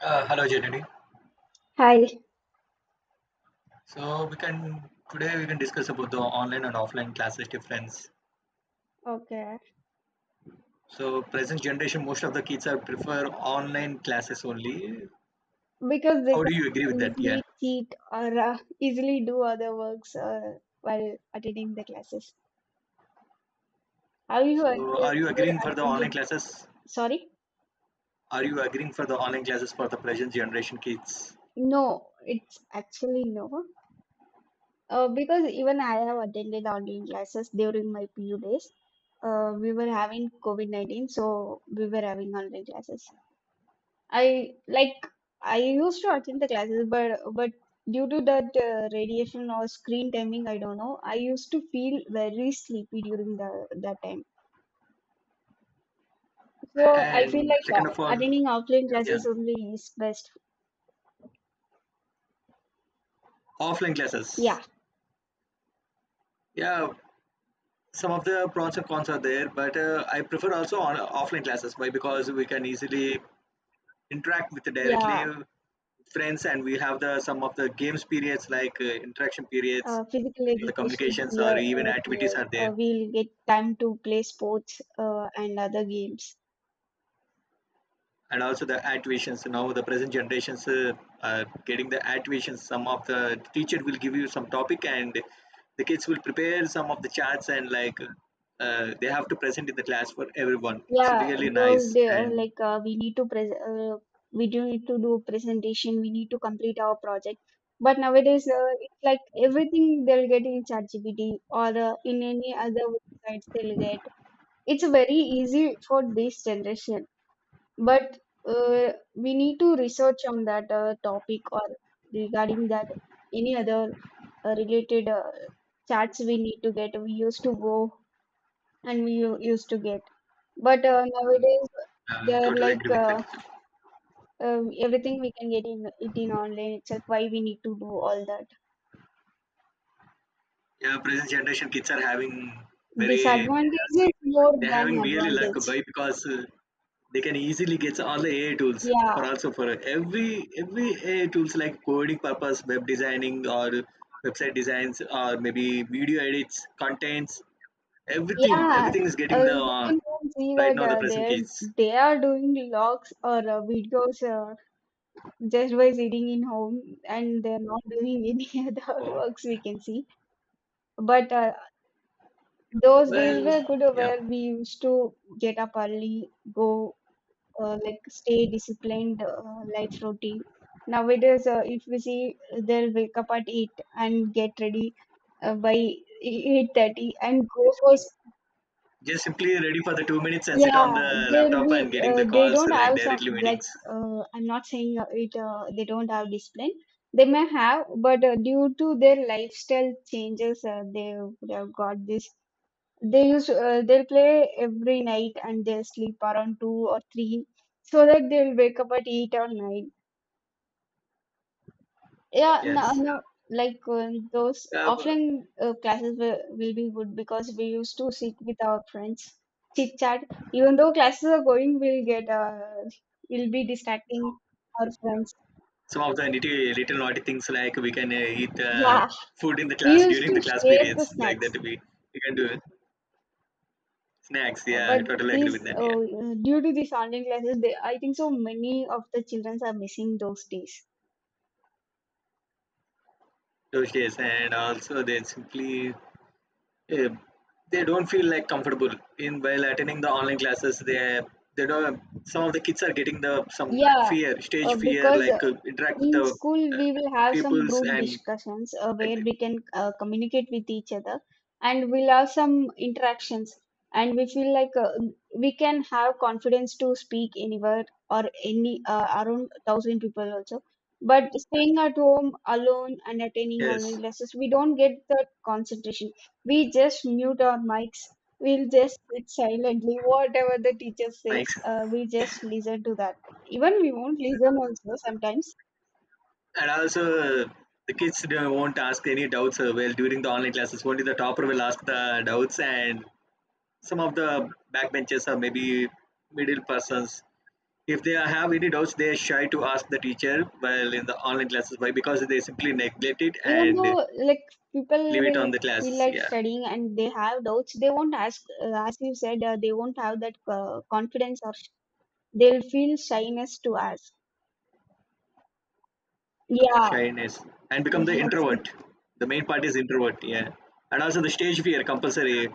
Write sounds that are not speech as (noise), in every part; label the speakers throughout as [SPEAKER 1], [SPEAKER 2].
[SPEAKER 1] Hello, Jenny.
[SPEAKER 2] Hi.
[SPEAKER 1] So we can today we can discuss about the online and offline classes difference.
[SPEAKER 2] Okay.
[SPEAKER 1] So present generation, most of the kids are prefer online classes only.
[SPEAKER 2] Because they
[SPEAKER 1] How
[SPEAKER 2] can
[SPEAKER 1] do you agree with that? Yeah.
[SPEAKER 2] easily cheat or easily do other works while attending the classes. Have you ever,
[SPEAKER 1] So are you
[SPEAKER 2] ever
[SPEAKER 1] agreeing for the online
[SPEAKER 2] attended?
[SPEAKER 1] classes?
[SPEAKER 2] Sorry?
[SPEAKER 1] Are you agreeing for the online classes for the present generation kids?
[SPEAKER 2] No, it's actually no. Because even I have attended online classes during my PU days. We were having COVID-19, so we were having online classes. I like I used to attend the classes, but due to that radiation or screen timing, I don't know. I used to feel very sleepy during the that time. So I feel
[SPEAKER 1] And
[SPEAKER 2] like
[SPEAKER 1] second of all,
[SPEAKER 2] attending offline
[SPEAKER 1] yeah,
[SPEAKER 2] classes only is best.
[SPEAKER 1] offline classes.
[SPEAKER 2] Yeah,
[SPEAKER 1] Yeah, some of the pros and cons are there, but I prefer also on offline classes. Why? Because we can easily interact with directly
[SPEAKER 2] yeah.
[SPEAKER 1] friends, and we'll have the some of the games periods like interaction periods,
[SPEAKER 2] Physical
[SPEAKER 1] the
[SPEAKER 2] education
[SPEAKER 1] communications
[SPEAKER 2] here,
[SPEAKER 1] or even activities
[SPEAKER 2] period.
[SPEAKER 1] are there.
[SPEAKER 2] We'll get time to play sports and other games.
[SPEAKER 1] And also the activations, now the present generations are getting the activations, some of the teacher will give you some topic, and the kids will prepare some of the charts and like they have to present in the class for everyone. It's
[SPEAKER 2] Yeah,
[SPEAKER 1] really
[SPEAKER 2] those
[SPEAKER 1] nice.
[SPEAKER 2] day,
[SPEAKER 1] And
[SPEAKER 2] we do need to do presentation. We need to complete our project. But nowadays, it's like everything they'll get in ChatGPT or in any other websites they'll get. It's very easy for this generation. But we need to research on that topic or regarding that any other related chats we need to get. We used to go, and we used to get. But nowadays, they're
[SPEAKER 1] totally
[SPEAKER 2] like
[SPEAKER 1] agree with that.
[SPEAKER 2] everything we can get in it in online itself. Why we need to do all that?
[SPEAKER 1] Yeah, present generation kids are having very.
[SPEAKER 2] Disadvantage is more
[SPEAKER 1] They're
[SPEAKER 2] than
[SPEAKER 1] having really luck
[SPEAKER 2] advantage.
[SPEAKER 1] boy, because they can easily get all the AI tools
[SPEAKER 2] Yeah,
[SPEAKER 1] for also for every AI tools like coding purpose, web designing or website designs or maybe video edits, contents, everything.
[SPEAKER 2] yeah.
[SPEAKER 1] Everything is getting the
[SPEAKER 2] We can see
[SPEAKER 1] right
[SPEAKER 2] that
[SPEAKER 1] now the present
[SPEAKER 2] they're
[SPEAKER 1] kids.
[SPEAKER 2] they are doing logs or videos just by sitting in home, and they're not doing any (laughs) other
[SPEAKER 1] Oh,
[SPEAKER 2] works. We can see, but those days
[SPEAKER 1] well,
[SPEAKER 2] were good,
[SPEAKER 1] yeah.
[SPEAKER 2] where we used to get up early, go stay disciplined, life routine. Nowadays, if we see, they'll wake up at 8 and get ready by 8:30 and go for
[SPEAKER 1] Just simply ready for the 2 minutes and sit
[SPEAKER 2] yeah,
[SPEAKER 1] on the
[SPEAKER 2] there
[SPEAKER 1] laptop
[SPEAKER 2] be
[SPEAKER 1] and getting the
[SPEAKER 2] they
[SPEAKER 1] calls
[SPEAKER 2] don't have
[SPEAKER 1] like
[SPEAKER 2] some,
[SPEAKER 1] directly meetings.
[SPEAKER 2] I'm not saying it they don't have discipline. They may have, but due to their lifestyle changes, they would have got this. They'll play every night, and they'll sleep around 2 or 3, so that they'll wake up at 8 or 9. Yeah, no,
[SPEAKER 1] Yes.
[SPEAKER 2] no, those
[SPEAKER 1] Yeah,
[SPEAKER 2] offline classes will be good, because we used to sit with our friends, chit chat. Even though classes are going, we'll be distracting our friends.
[SPEAKER 1] some of the nitty little naughty things like we can eat
[SPEAKER 2] Yeah,
[SPEAKER 1] food in the
[SPEAKER 2] we
[SPEAKER 1] class
[SPEAKER 2] used
[SPEAKER 1] during
[SPEAKER 2] to
[SPEAKER 1] the class
[SPEAKER 2] share the
[SPEAKER 1] periods, like
[SPEAKER 2] snacks.
[SPEAKER 1] that we can do it. Snacks,
[SPEAKER 2] uh,
[SPEAKER 1] yeah, I
[SPEAKER 2] but
[SPEAKER 1] totally agree
[SPEAKER 2] these,
[SPEAKER 1] with that. Yeah,
[SPEAKER 2] due to these online classes, I think so many of the children are missing those days.
[SPEAKER 1] Doshis, and also they simply uh, they don't feel like comfortable in while attending the online classes. They don't. Some of the kids are getting the some
[SPEAKER 2] Yeah,
[SPEAKER 1] fear, stage fear,
[SPEAKER 2] because
[SPEAKER 1] like interact with
[SPEAKER 2] in
[SPEAKER 1] the
[SPEAKER 2] school,
[SPEAKER 1] uh,
[SPEAKER 2] we will have some
[SPEAKER 1] peoples
[SPEAKER 2] group
[SPEAKER 1] and
[SPEAKER 2] discussions,
[SPEAKER 1] like,
[SPEAKER 2] where we can communicate with each other, and we'll have some interactions, and we feel like we can have confidence to speak anywhere, or any, around 1,000 people also. But staying at home alone and attending
[SPEAKER 1] yes,
[SPEAKER 2] online classes, we don't get that concentration. We just mute our mics. We'll just sit silently. Whatever the teacher
[SPEAKER 1] Mike.
[SPEAKER 2] says, we just listen to that. Even we won't listen also sometimes,
[SPEAKER 1] And also, the kids won't ask any doubts well during the online classes. Only the topper will ask the doubts, and some of the backbenchers or maybe middle persons, if they have any doubts, they are shy to ask the teacher. Well, in the online classes. Why? Because they simply neglect it
[SPEAKER 2] even
[SPEAKER 1] and
[SPEAKER 2] though like people
[SPEAKER 1] leave it on
[SPEAKER 2] will
[SPEAKER 1] the
[SPEAKER 2] feel
[SPEAKER 1] classes.
[SPEAKER 2] like
[SPEAKER 1] Yeah.
[SPEAKER 2] studying, and they have doubts, they won't ask, as you said, they won't have that confidence or they'll feel shyness to ask. Yeah.
[SPEAKER 1] Shyness. And become the
[SPEAKER 2] (laughs) Yes.
[SPEAKER 1] introvert. The main part is introvert, yeah. And also the stage fear compulsory.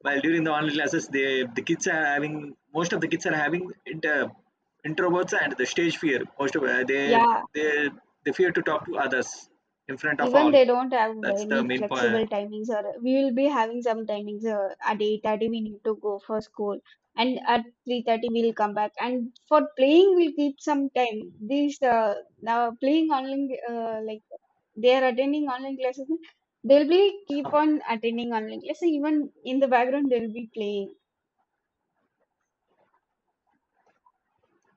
[SPEAKER 1] While during the online classes, they the kids are having most of the kids are having introverts and the stage fear. Most of
[SPEAKER 2] Yeah,
[SPEAKER 1] they they fear to talk to others in front of
[SPEAKER 2] even
[SPEAKER 1] all.
[SPEAKER 2] they don't have
[SPEAKER 1] That's the
[SPEAKER 2] any
[SPEAKER 1] main point.
[SPEAKER 2] flexible timings, or we will be having some timings, at 8:30 we need to go for school, and at 3:30 we'll come back, and for playing we'll keep some time. These, now playing online, they are attending online classes. They'll be keep on attending online classes, even in the background they'll be playing.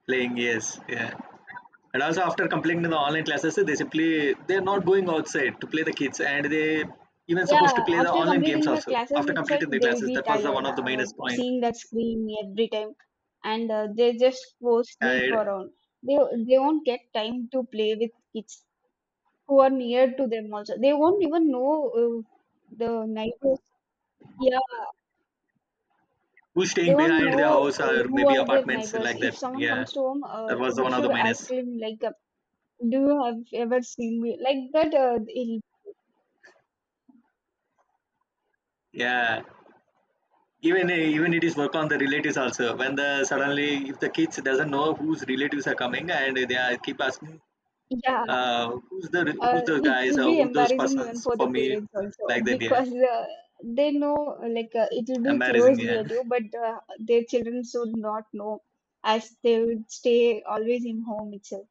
[SPEAKER 1] Playing yes, yeah. And also after completing the online classes, they simply they're not going outside to play the kids, and they even supposed to
[SPEAKER 2] Yeah,
[SPEAKER 1] play the
[SPEAKER 2] after
[SPEAKER 1] online games
[SPEAKER 2] completing the
[SPEAKER 1] also
[SPEAKER 2] classes
[SPEAKER 1] after
[SPEAKER 2] itself,
[SPEAKER 1] completing the
[SPEAKER 2] they'll
[SPEAKER 1] classes.
[SPEAKER 2] be
[SPEAKER 1] That was the one
[SPEAKER 2] tired,
[SPEAKER 1] of the minus point.
[SPEAKER 2] seeing that screen every time, and they just go sleep
[SPEAKER 1] And
[SPEAKER 2] around. They they won't get time to play with kids who are near to them also. They won't even know, the neighbors. Yeah,
[SPEAKER 1] who's
[SPEAKER 2] they
[SPEAKER 1] staying
[SPEAKER 2] won't
[SPEAKER 1] behind their
[SPEAKER 2] know
[SPEAKER 1] house or
[SPEAKER 2] who
[SPEAKER 1] maybe
[SPEAKER 2] are their
[SPEAKER 1] apartments
[SPEAKER 2] neighbors.
[SPEAKER 1] like
[SPEAKER 2] If
[SPEAKER 1] that?
[SPEAKER 2] someone
[SPEAKER 1] Yeah,
[SPEAKER 2] comes to home,
[SPEAKER 1] that was the
[SPEAKER 2] we
[SPEAKER 1] one of
[SPEAKER 2] should
[SPEAKER 1] the
[SPEAKER 2] ask
[SPEAKER 1] minus.
[SPEAKER 2] him like, "Do you have ever seen me?" Like that.
[SPEAKER 1] Yeah, even even it is work on the relatives also. When the suddenly if the kids doesn't know whose relatives are coming and they are keep asking,
[SPEAKER 2] Yeah,
[SPEAKER 1] who's the who's those guys
[SPEAKER 2] it'll
[SPEAKER 1] or
[SPEAKER 2] be
[SPEAKER 1] who those
[SPEAKER 2] embarrassing even
[SPEAKER 1] persons
[SPEAKER 2] for the
[SPEAKER 1] for me
[SPEAKER 2] parents also,
[SPEAKER 1] like that. Yeah,
[SPEAKER 2] because they know like it'll be
[SPEAKER 1] embarrassing.
[SPEAKER 2] close
[SPEAKER 1] Yeah. (laughs)
[SPEAKER 2] relative, but their children should not know, as they would stay always in home itself.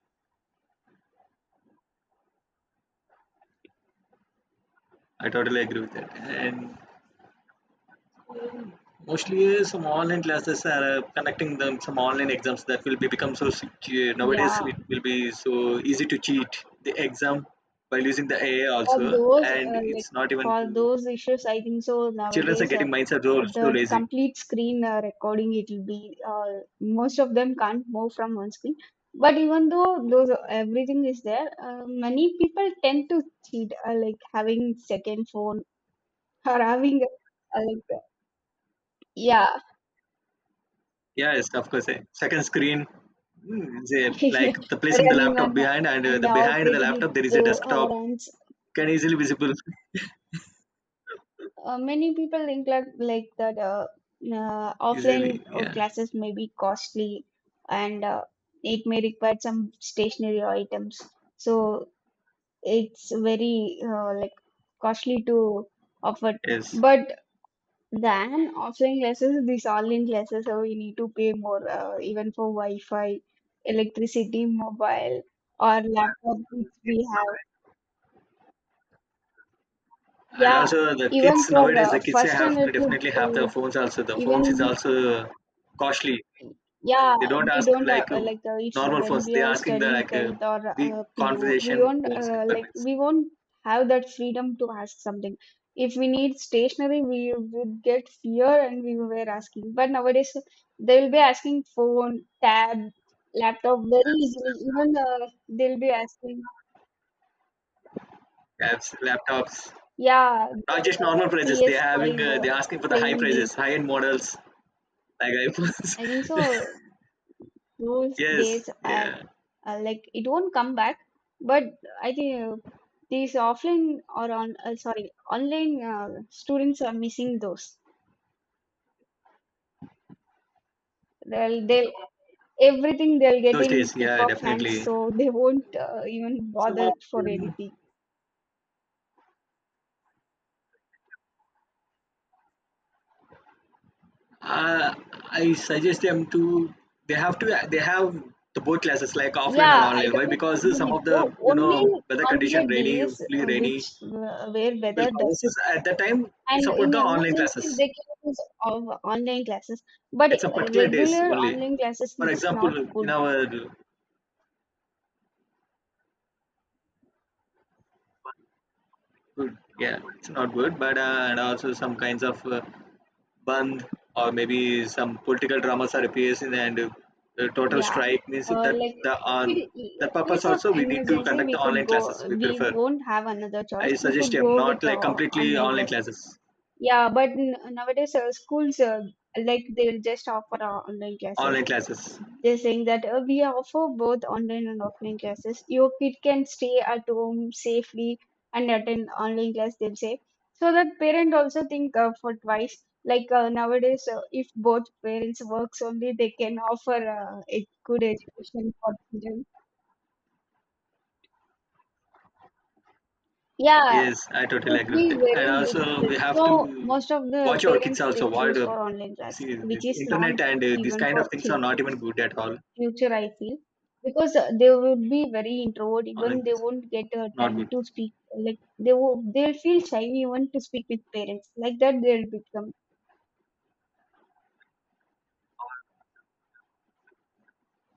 [SPEAKER 1] I totally agree with that. And mostly some online classes are connecting them some online exams that will be become so nowadays
[SPEAKER 2] Yeah,
[SPEAKER 1] it will be so easy to cheat the exam by using the AI
[SPEAKER 2] For
[SPEAKER 1] also,
[SPEAKER 2] those
[SPEAKER 1] and
[SPEAKER 2] uh,
[SPEAKER 1] it's
[SPEAKER 2] like
[SPEAKER 1] not even to
[SPEAKER 2] for those issues, I think so
[SPEAKER 1] children are
[SPEAKER 2] nowadays,
[SPEAKER 1] getting minds are so, so
[SPEAKER 2] the
[SPEAKER 1] lazy.
[SPEAKER 2] complete screen recording, it'll be, most of them can't move from one screen. But even though those everything is there, many people tend to cheat, like having second phone, or yeah,
[SPEAKER 1] Yes, of course. Second screen, they, like
[SPEAKER 2] (laughs)
[SPEAKER 1] the placing the
[SPEAKER 2] running on,
[SPEAKER 1] laptop behind, and
[SPEAKER 2] and
[SPEAKER 1] the behind the
[SPEAKER 2] operating it
[SPEAKER 1] laptop there is a
[SPEAKER 2] through our
[SPEAKER 1] desktop
[SPEAKER 2] hands.
[SPEAKER 1] can easily visible
[SPEAKER 2] Many people think like that,
[SPEAKER 1] (laughs) easily.
[SPEAKER 2] offline
[SPEAKER 1] Yeah.
[SPEAKER 2] classes may be costly, and it may require some stationary items. So it's very, costly to offer.
[SPEAKER 1] Yes.
[SPEAKER 2] But than offline classes, these online classes, so we need to pay more, even for Wi-Fi, electricity, mobile, or laptop which we have.
[SPEAKER 1] And
[SPEAKER 2] Yeah,
[SPEAKER 1] also the
[SPEAKER 2] even
[SPEAKER 1] kids
[SPEAKER 2] for
[SPEAKER 1] nowadays, the kids
[SPEAKER 2] first
[SPEAKER 1] have
[SPEAKER 2] standard,
[SPEAKER 1] to
[SPEAKER 2] to,
[SPEAKER 1] definitely have their
[SPEAKER 2] uh,
[SPEAKER 1] phones also. The phones is
[SPEAKER 2] even
[SPEAKER 1] also costly.
[SPEAKER 2] yeah,
[SPEAKER 1] They don't
[SPEAKER 2] we
[SPEAKER 1] ask
[SPEAKER 2] don't,
[SPEAKER 1] like
[SPEAKER 2] if
[SPEAKER 1] normal
[SPEAKER 2] when
[SPEAKER 1] phones.
[SPEAKER 2] we
[SPEAKER 1] They're
[SPEAKER 2] are
[SPEAKER 1] asking the
[SPEAKER 2] studying
[SPEAKER 1] like
[SPEAKER 2] 10th or
[SPEAKER 1] big
[SPEAKER 2] PO, we
[SPEAKER 1] conversation
[SPEAKER 2] don't,
[SPEAKER 1] phones requirements.
[SPEAKER 2] we won't have that freedom to ask something. If we need stationery, we would get fear and we were asking. But nowadays, they will be asking phone, tab, laptop very easily. Even they'll be asking,
[SPEAKER 1] Apps, laptops,
[SPEAKER 2] yeah,
[SPEAKER 1] not
[SPEAKER 2] that
[SPEAKER 1] just normal prices. They're having
[SPEAKER 2] PS5,
[SPEAKER 1] they're asking for the high
[SPEAKER 2] playing game.
[SPEAKER 1] prices, high end models like iPhones.
[SPEAKER 2] I think so.
[SPEAKER 1] (laughs)
[SPEAKER 2] Those
[SPEAKER 1] Yes,
[SPEAKER 2] days are,
[SPEAKER 1] yeah,
[SPEAKER 2] it won't come back, but I think these offline or on sorry online, students are missing those. They'll everything they'll get
[SPEAKER 1] those
[SPEAKER 2] in
[SPEAKER 1] days,
[SPEAKER 2] tip
[SPEAKER 1] yeah,
[SPEAKER 2] of hands,
[SPEAKER 1] definitely.
[SPEAKER 2] so they won't, even
[SPEAKER 1] So.
[SPEAKER 2] bother for anything.
[SPEAKER 1] Uh, I suggest them to they have the both classes like offline
[SPEAKER 2] Yeah,
[SPEAKER 1] and
[SPEAKER 2] I
[SPEAKER 1] online. Why?
[SPEAKER 2] totally
[SPEAKER 1] Because
[SPEAKER 2] agree
[SPEAKER 1] some
[SPEAKER 2] with
[SPEAKER 1] of
[SPEAKER 2] you.
[SPEAKER 1] the you
[SPEAKER 2] Only
[SPEAKER 1] know weather
[SPEAKER 2] on the
[SPEAKER 1] condition rainy,
[SPEAKER 2] days,
[SPEAKER 1] fully
[SPEAKER 2] which
[SPEAKER 1] rainy
[SPEAKER 2] where
[SPEAKER 1] will
[SPEAKER 2] weather does,
[SPEAKER 1] cause us. At that time, we
[SPEAKER 2] and
[SPEAKER 1] support
[SPEAKER 2] in
[SPEAKER 1] the online
[SPEAKER 2] emergencies they
[SPEAKER 1] classes
[SPEAKER 2] can use of online classes, but
[SPEAKER 1] at some particular days
[SPEAKER 2] regular
[SPEAKER 1] only.
[SPEAKER 2] online classes,
[SPEAKER 1] For
[SPEAKER 2] it's not
[SPEAKER 1] example, in
[SPEAKER 2] good.
[SPEAKER 1] our yeah, it's not good, but and also some kinds of Bandh or maybe some political dramas are appearing and the total
[SPEAKER 2] Yeah,
[SPEAKER 1] strike means that
[SPEAKER 2] like
[SPEAKER 1] the
[SPEAKER 2] if
[SPEAKER 1] on
[SPEAKER 2] it, in
[SPEAKER 1] the purpose
[SPEAKER 2] case of
[SPEAKER 1] also we need to
[SPEAKER 2] emergency,
[SPEAKER 1] conduct
[SPEAKER 2] we
[SPEAKER 1] the
[SPEAKER 2] could
[SPEAKER 1] online
[SPEAKER 2] go.
[SPEAKER 1] classes we
[SPEAKER 2] We
[SPEAKER 1] prefer.
[SPEAKER 2] won't have another choice.
[SPEAKER 1] I
[SPEAKER 2] We
[SPEAKER 1] suggest
[SPEAKER 2] could
[SPEAKER 1] him
[SPEAKER 2] go with
[SPEAKER 1] not
[SPEAKER 2] the
[SPEAKER 1] like
[SPEAKER 2] o-
[SPEAKER 1] completely
[SPEAKER 2] online
[SPEAKER 1] online
[SPEAKER 2] class.
[SPEAKER 1] classes,
[SPEAKER 2] Yeah, but n nowadays, schools, they'll just offer, online classes.
[SPEAKER 1] online classes.
[SPEAKER 2] They're saying that we offer both online and offline classes. Your kid can stay at home safely and attend online class, they'll say. So that parent also think for twice. Like nowadays, if both parents works only, they can offer a good education for children. Yeah, it
[SPEAKER 1] Yes, I totally
[SPEAKER 2] would
[SPEAKER 1] agree
[SPEAKER 2] be
[SPEAKER 1] with it, and
[SPEAKER 2] very
[SPEAKER 1] also
[SPEAKER 2] difficult.
[SPEAKER 1] we have to
[SPEAKER 2] So most of the
[SPEAKER 1] watch our kids
[SPEAKER 2] parents, they
[SPEAKER 1] also what
[SPEAKER 2] choose for online class,
[SPEAKER 1] see the
[SPEAKER 2] which is not good
[SPEAKER 1] internet and these
[SPEAKER 2] even
[SPEAKER 1] kind
[SPEAKER 2] for
[SPEAKER 1] of things are not
[SPEAKER 2] children.
[SPEAKER 1] even good at all.
[SPEAKER 2] Future, I feel, because they would be very introvert.
[SPEAKER 1] Online
[SPEAKER 2] Even they
[SPEAKER 1] classes
[SPEAKER 2] won't get
[SPEAKER 1] not
[SPEAKER 2] time
[SPEAKER 1] good.
[SPEAKER 2] to speak. Like they will, they'll feel shy even to speak with parents. Like that, they'll become.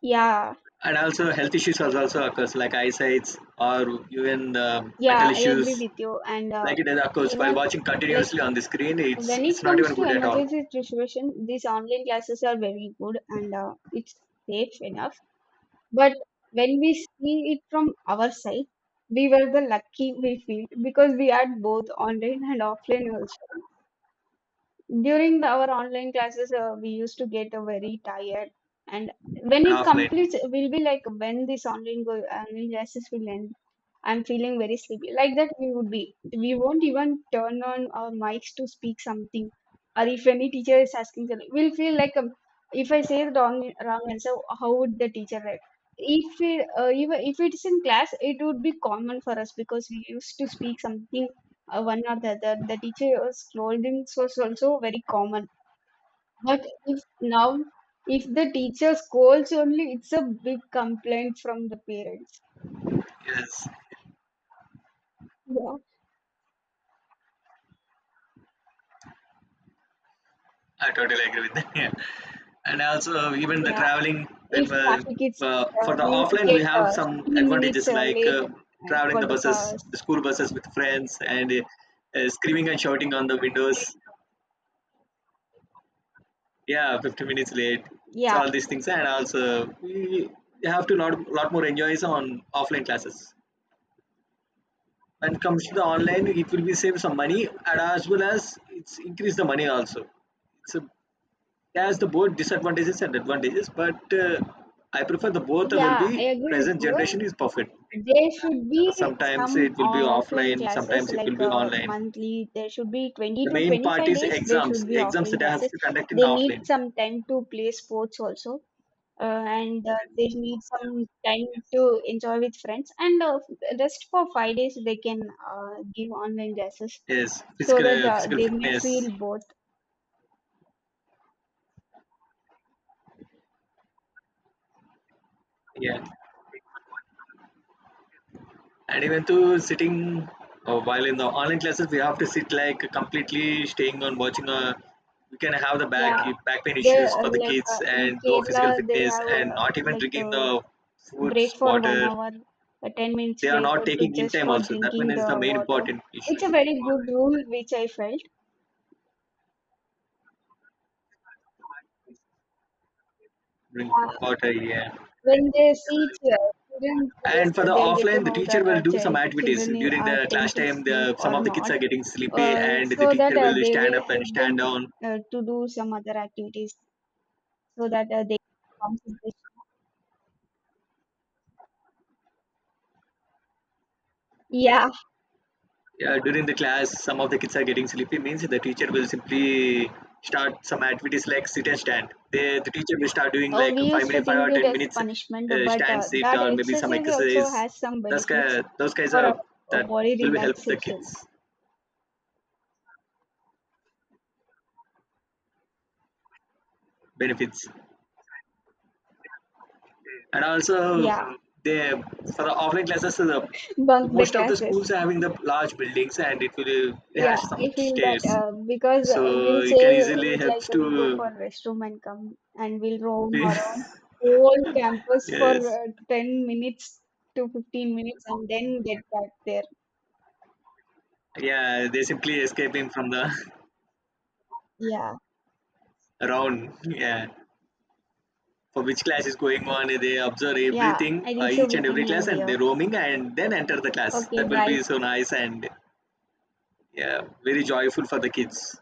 [SPEAKER 2] Yeah,
[SPEAKER 1] And also health issues also also occurs like eyesight or even the mental
[SPEAKER 2] yeah, I agree
[SPEAKER 1] issues
[SPEAKER 2] with you. And
[SPEAKER 1] like it occurs while
[SPEAKER 2] even
[SPEAKER 1] watching
[SPEAKER 2] like
[SPEAKER 1] continuously on the screen. it's
[SPEAKER 2] when
[SPEAKER 1] it's
[SPEAKER 2] it
[SPEAKER 1] not
[SPEAKER 2] comes
[SPEAKER 1] even
[SPEAKER 2] to
[SPEAKER 1] good at all.
[SPEAKER 2] emergency situation, these online classes are very good, and it's safe enough. But when we see it from our side, we were the lucky, we feel, because we had both online and offline also. During the, our online classes, we used to get very tired, and when
[SPEAKER 1] And
[SPEAKER 2] it
[SPEAKER 1] offline,
[SPEAKER 2] completes, we'll be like, when this online go, online classes will end, I'm feeling very sleepy. Like that, we would be. We won't even turn on our mics to speak something, or if any teacher is asking something, we'll feel like if I say the wrong answer, how would the teacher react? If it, even if it's in class, it would be common for us, because we used to speak something, one or the other. The teacher's scolding was also very common. But if now, if the teacher scolds only, it's a big complaint from the parents.
[SPEAKER 1] yes,
[SPEAKER 2] Yeah.
[SPEAKER 1] I totally agree with that. (laughs) Yeah. And also even the
[SPEAKER 2] Yeah,
[SPEAKER 1] traveling when
[SPEAKER 2] if traffic is,
[SPEAKER 1] for the
[SPEAKER 2] we would
[SPEAKER 1] offline
[SPEAKER 2] get,
[SPEAKER 1] we have some
[SPEAKER 2] 15
[SPEAKER 1] advantages
[SPEAKER 2] minutes,
[SPEAKER 1] like
[SPEAKER 2] late,
[SPEAKER 1] traveling
[SPEAKER 2] for
[SPEAKER 1] the
[SPEAKER 2] the
[SPEAKER 1] buses,
[SPEAKER 2] cars.
[SPEAKER 1] the school buses with friends and screaming and shouting on the windows. Yeah, 50 minutes late. It's
[SPEAKER 2] Yeah,
[SPEAKER 1] all these things, and also we have to lot more enjoys on offline classes. When it comes to the online it will be save some money and as well as it's increase the money also. It's a it has the both disadvantages and advantages, but I prefer the both will
[SPEAKER 2] yeah,
[SPEAKER 1] be
[SPEAKER 2] I agree with
[SPEAKER 1] present
[SPEAKER 2] you.
[SPEAKER 1] generation is perfect.
[SPEAKER 2] There should be
[SPEAKER 1] Sometimes
[SPEAKER 2] some
[SPEAKER 1] it will be
[SPEAKER 2] offline
[SPEAKER 1] offline,
[SPEAKER 2] classes,
[SPEAKER 1] sometimes it will
[SPEAKER 2] like
[SPEAKER 1] be online.
[SPEAKER 2] monthly. There should be 20
[SPEAKER 1] The
[SPEAKER 2] to
[SPEAKER 1] main part
[SPEAKER 2] 25
[SPEAKER 1] is
[SPEAKER 2] days. There
[SPEAKER 1] exams,
[SPEAKER 2] should be
[SPEAKER 1] exams
[SPEAKER 2] offline
[SPEAKER 1] that I have
[SPEAKER 2] classes.
[SPEAKER 1] to conduct in
[SPEAKER 2] They need
[SPEAKER 1] offline.
[SPEAKER 2] some time to play sports also, and they need some time to enjoy with friends. And rest for 5 days, they can give online classes,
[SPEAKER 1] Yes,
[SPEAKER 2] so
[SPEAKER 1] physical
[SPEAKER 2] that
[SPEAKER 1] physical
[SPEAKER 2] they may
[SPEAKER 1] fitness.
[SPEAKER 2] feel both.
[SPEAKER 1] Yeah, and even to sitting while in the online classes, we have to sit like completely staying on watching. A. We can have the back
[SPEAKER 2] Yeah,
[SPEAKER 1] back pain
[SPEAKER 2] they,
[SPEAKER 1] issues for the kids
[SPEAKER 2] in
[SPEAKER 1] and no physical
[SPEAKER 2] Kerala, they
[SPEAKER 1] fitness
[SPEAKER 2] have,
[SPEAKER 1] and not even drinking the
[SPEAKER 2] Break
[SPEAKER 1] foods,
[SPEAKER 2] for one
[SPEAKER 1] water.
[SPEAKER 2] hour, a 10 minutes
[SPEAKER 1] They are
[SPEAKER 2] break, or
[SPEAKER 1] not
[SPEAKER 2] to
[SPEAKER 1] taking in
[SPEAKER 2] just
[SPEAKER 1] time
[SPEAKER 2] for
[SPEAKER 1] also. That one
[SPEAKER 2] drinking
[SPEAKER 1] is
[SPEAKER 2] the
[SPEAKER 1] the main
[SPEAKER 2] water.
[SPEAKER 1] important
[SPEAKER 2] It's
[SPEAKER 1] issue.
[SPEAKER 2] a very good rule, which I felt.
[SPEAKER 1] Drink
[SPEAKER 2] Uh,
[SPEAKER 1] water, yeah.
[SPEAKER 2] when they see children, yes,
[SPEAKER 1] And for the
[SPEAKER 2] they'll get to
[SPEAKER 1] offline, the
[SPEAKER 2] know
[SPEAKER 1] teacher
[SPEAKER 2] that
[SPEAKER 1] will do some activities
[SPEAKER 2] children
[SPEAKER 1] during
[SPEAKER 2] are
[SPEAKER 1] the
[SPEAKER 2] tend
[SPEAKER 1] class
[SPEAKER 2] to
[SPEAKER 1] time.
[SPEAKER 2] sleep
[SPEAKER 1] The,
[SPEAKER 2] or
[SPEAKER 1] some of the kids
[SPEAKER 2] not,
[SPEAKER 1] are getting sleepy, and the
[SPEAKER 2] so that
[SPEAKER 1] teacher will
[SPEAKER 2] they
[SPEAKER 1] stand
[SPEAKER 2] will
[SPEAKER 1] up and
[SPEAKER 2] help
[SPEAKER 1] stand
[SPEAKER 2] them
[SPEAKER 1] down.
[SPEAKER 2] to do some other activities, so that they concentrate. Yeah,
[SPEAKER 1] Yeah, during the class, some of the kids are getting sleepy. Means the teacher will simply start some activities like sit and stand. They, the teacher will start doing like
[SPEAKER 2] we
[SPEAKER 1] five
[SPEAKER 2] used to
[SPEAKER 1] minute, five
[SPEAKER 2] think
[SPEAKER 1] or
[SPEAKER 2] it
[SPEAKER 1] ten
[SPEAKER 2] as a
[SPEAKER 1] minutes
[SPEAKER 2] punishment, but
[SPEAKER 1] stand, sit,
[SPEAKER 2] that
[SPEAKER 1] or maybe some
[SPEAKER 2] exercise also
[SPEAKER 1] exercise.
[SPEAKER 2] has some
[SPEAKER 1] Those
[SPEAKER 2] benefits
[SPEAKER 1] guys, those guys
[SPEAKER 2] for
[SPEAKER 1] are
[SPEAKER 2] our
[SPEAKER 1] that
[SPEAKER 2] body
[SPEAKER 1] will be help the
[SPEAKER 2] relaxation.
[SPEAKER 1] kids benefits. And also,
[SPEAKER 2] Yeah,
[SPEAKER 1] they for the offline classes, the
[SPEAKER 2] bunk the
[SPEAKER 1] most of the schools
[SPEAKER 2] classes.
[SPEAKER 1] are having the large buildings, and it will it
[SPEAKER 2] Yeah,
[SPEAKER 1] has some
[SPEAKER 2] I feel that,
[SPEAKER 1] stairs,
[SPEAKER 2] because we'll
[SPEAKER 1] so
[SPEAKER 2] say
[SPEAKER 1] it can easily
[SPEAKER 2] it like
[SPEAKER 1] helps
[SPEAKER 2] we'll go
[SPEAKER 1] to.
[SPEAKER 2] for restroom and come, and we'll roam around
[SPEAKER 1] (laughs)
[SPEAKER 2] whole campus for
[SPEAKER 1] Yes.
[SPEAKER 2] 10 minutes to 15 minutes, and then get back there.
[SPEAKER 1] Yeah, they're simply escaping from the
[SPEAKER 2] Yeah,
[SPEAKER 1] (laughs) round. Yeah, for which class is going on, they observe
[SPEAKER 2] yeah,
[SPEAKER 1] everything,
[SPEAKER 2] I think so.
[SPEAKER 1] each
[SPEAKER 2] We
[SPEAKER 1] and
[SPEAKER 2] can
[SPEAKER 1] every class,
[SPEAKER 2] end
[SPEAKER 1] and
[SPEAKER 2] here.
[SPEAKER 1] they're roaming and then enter the class.
[SPEAKER 2] Okay,
[SPEAKER 1] That will be
[SPEAKER 2] bye.
[SPEAKER 1] so nice and yeah, very joyful for the kids.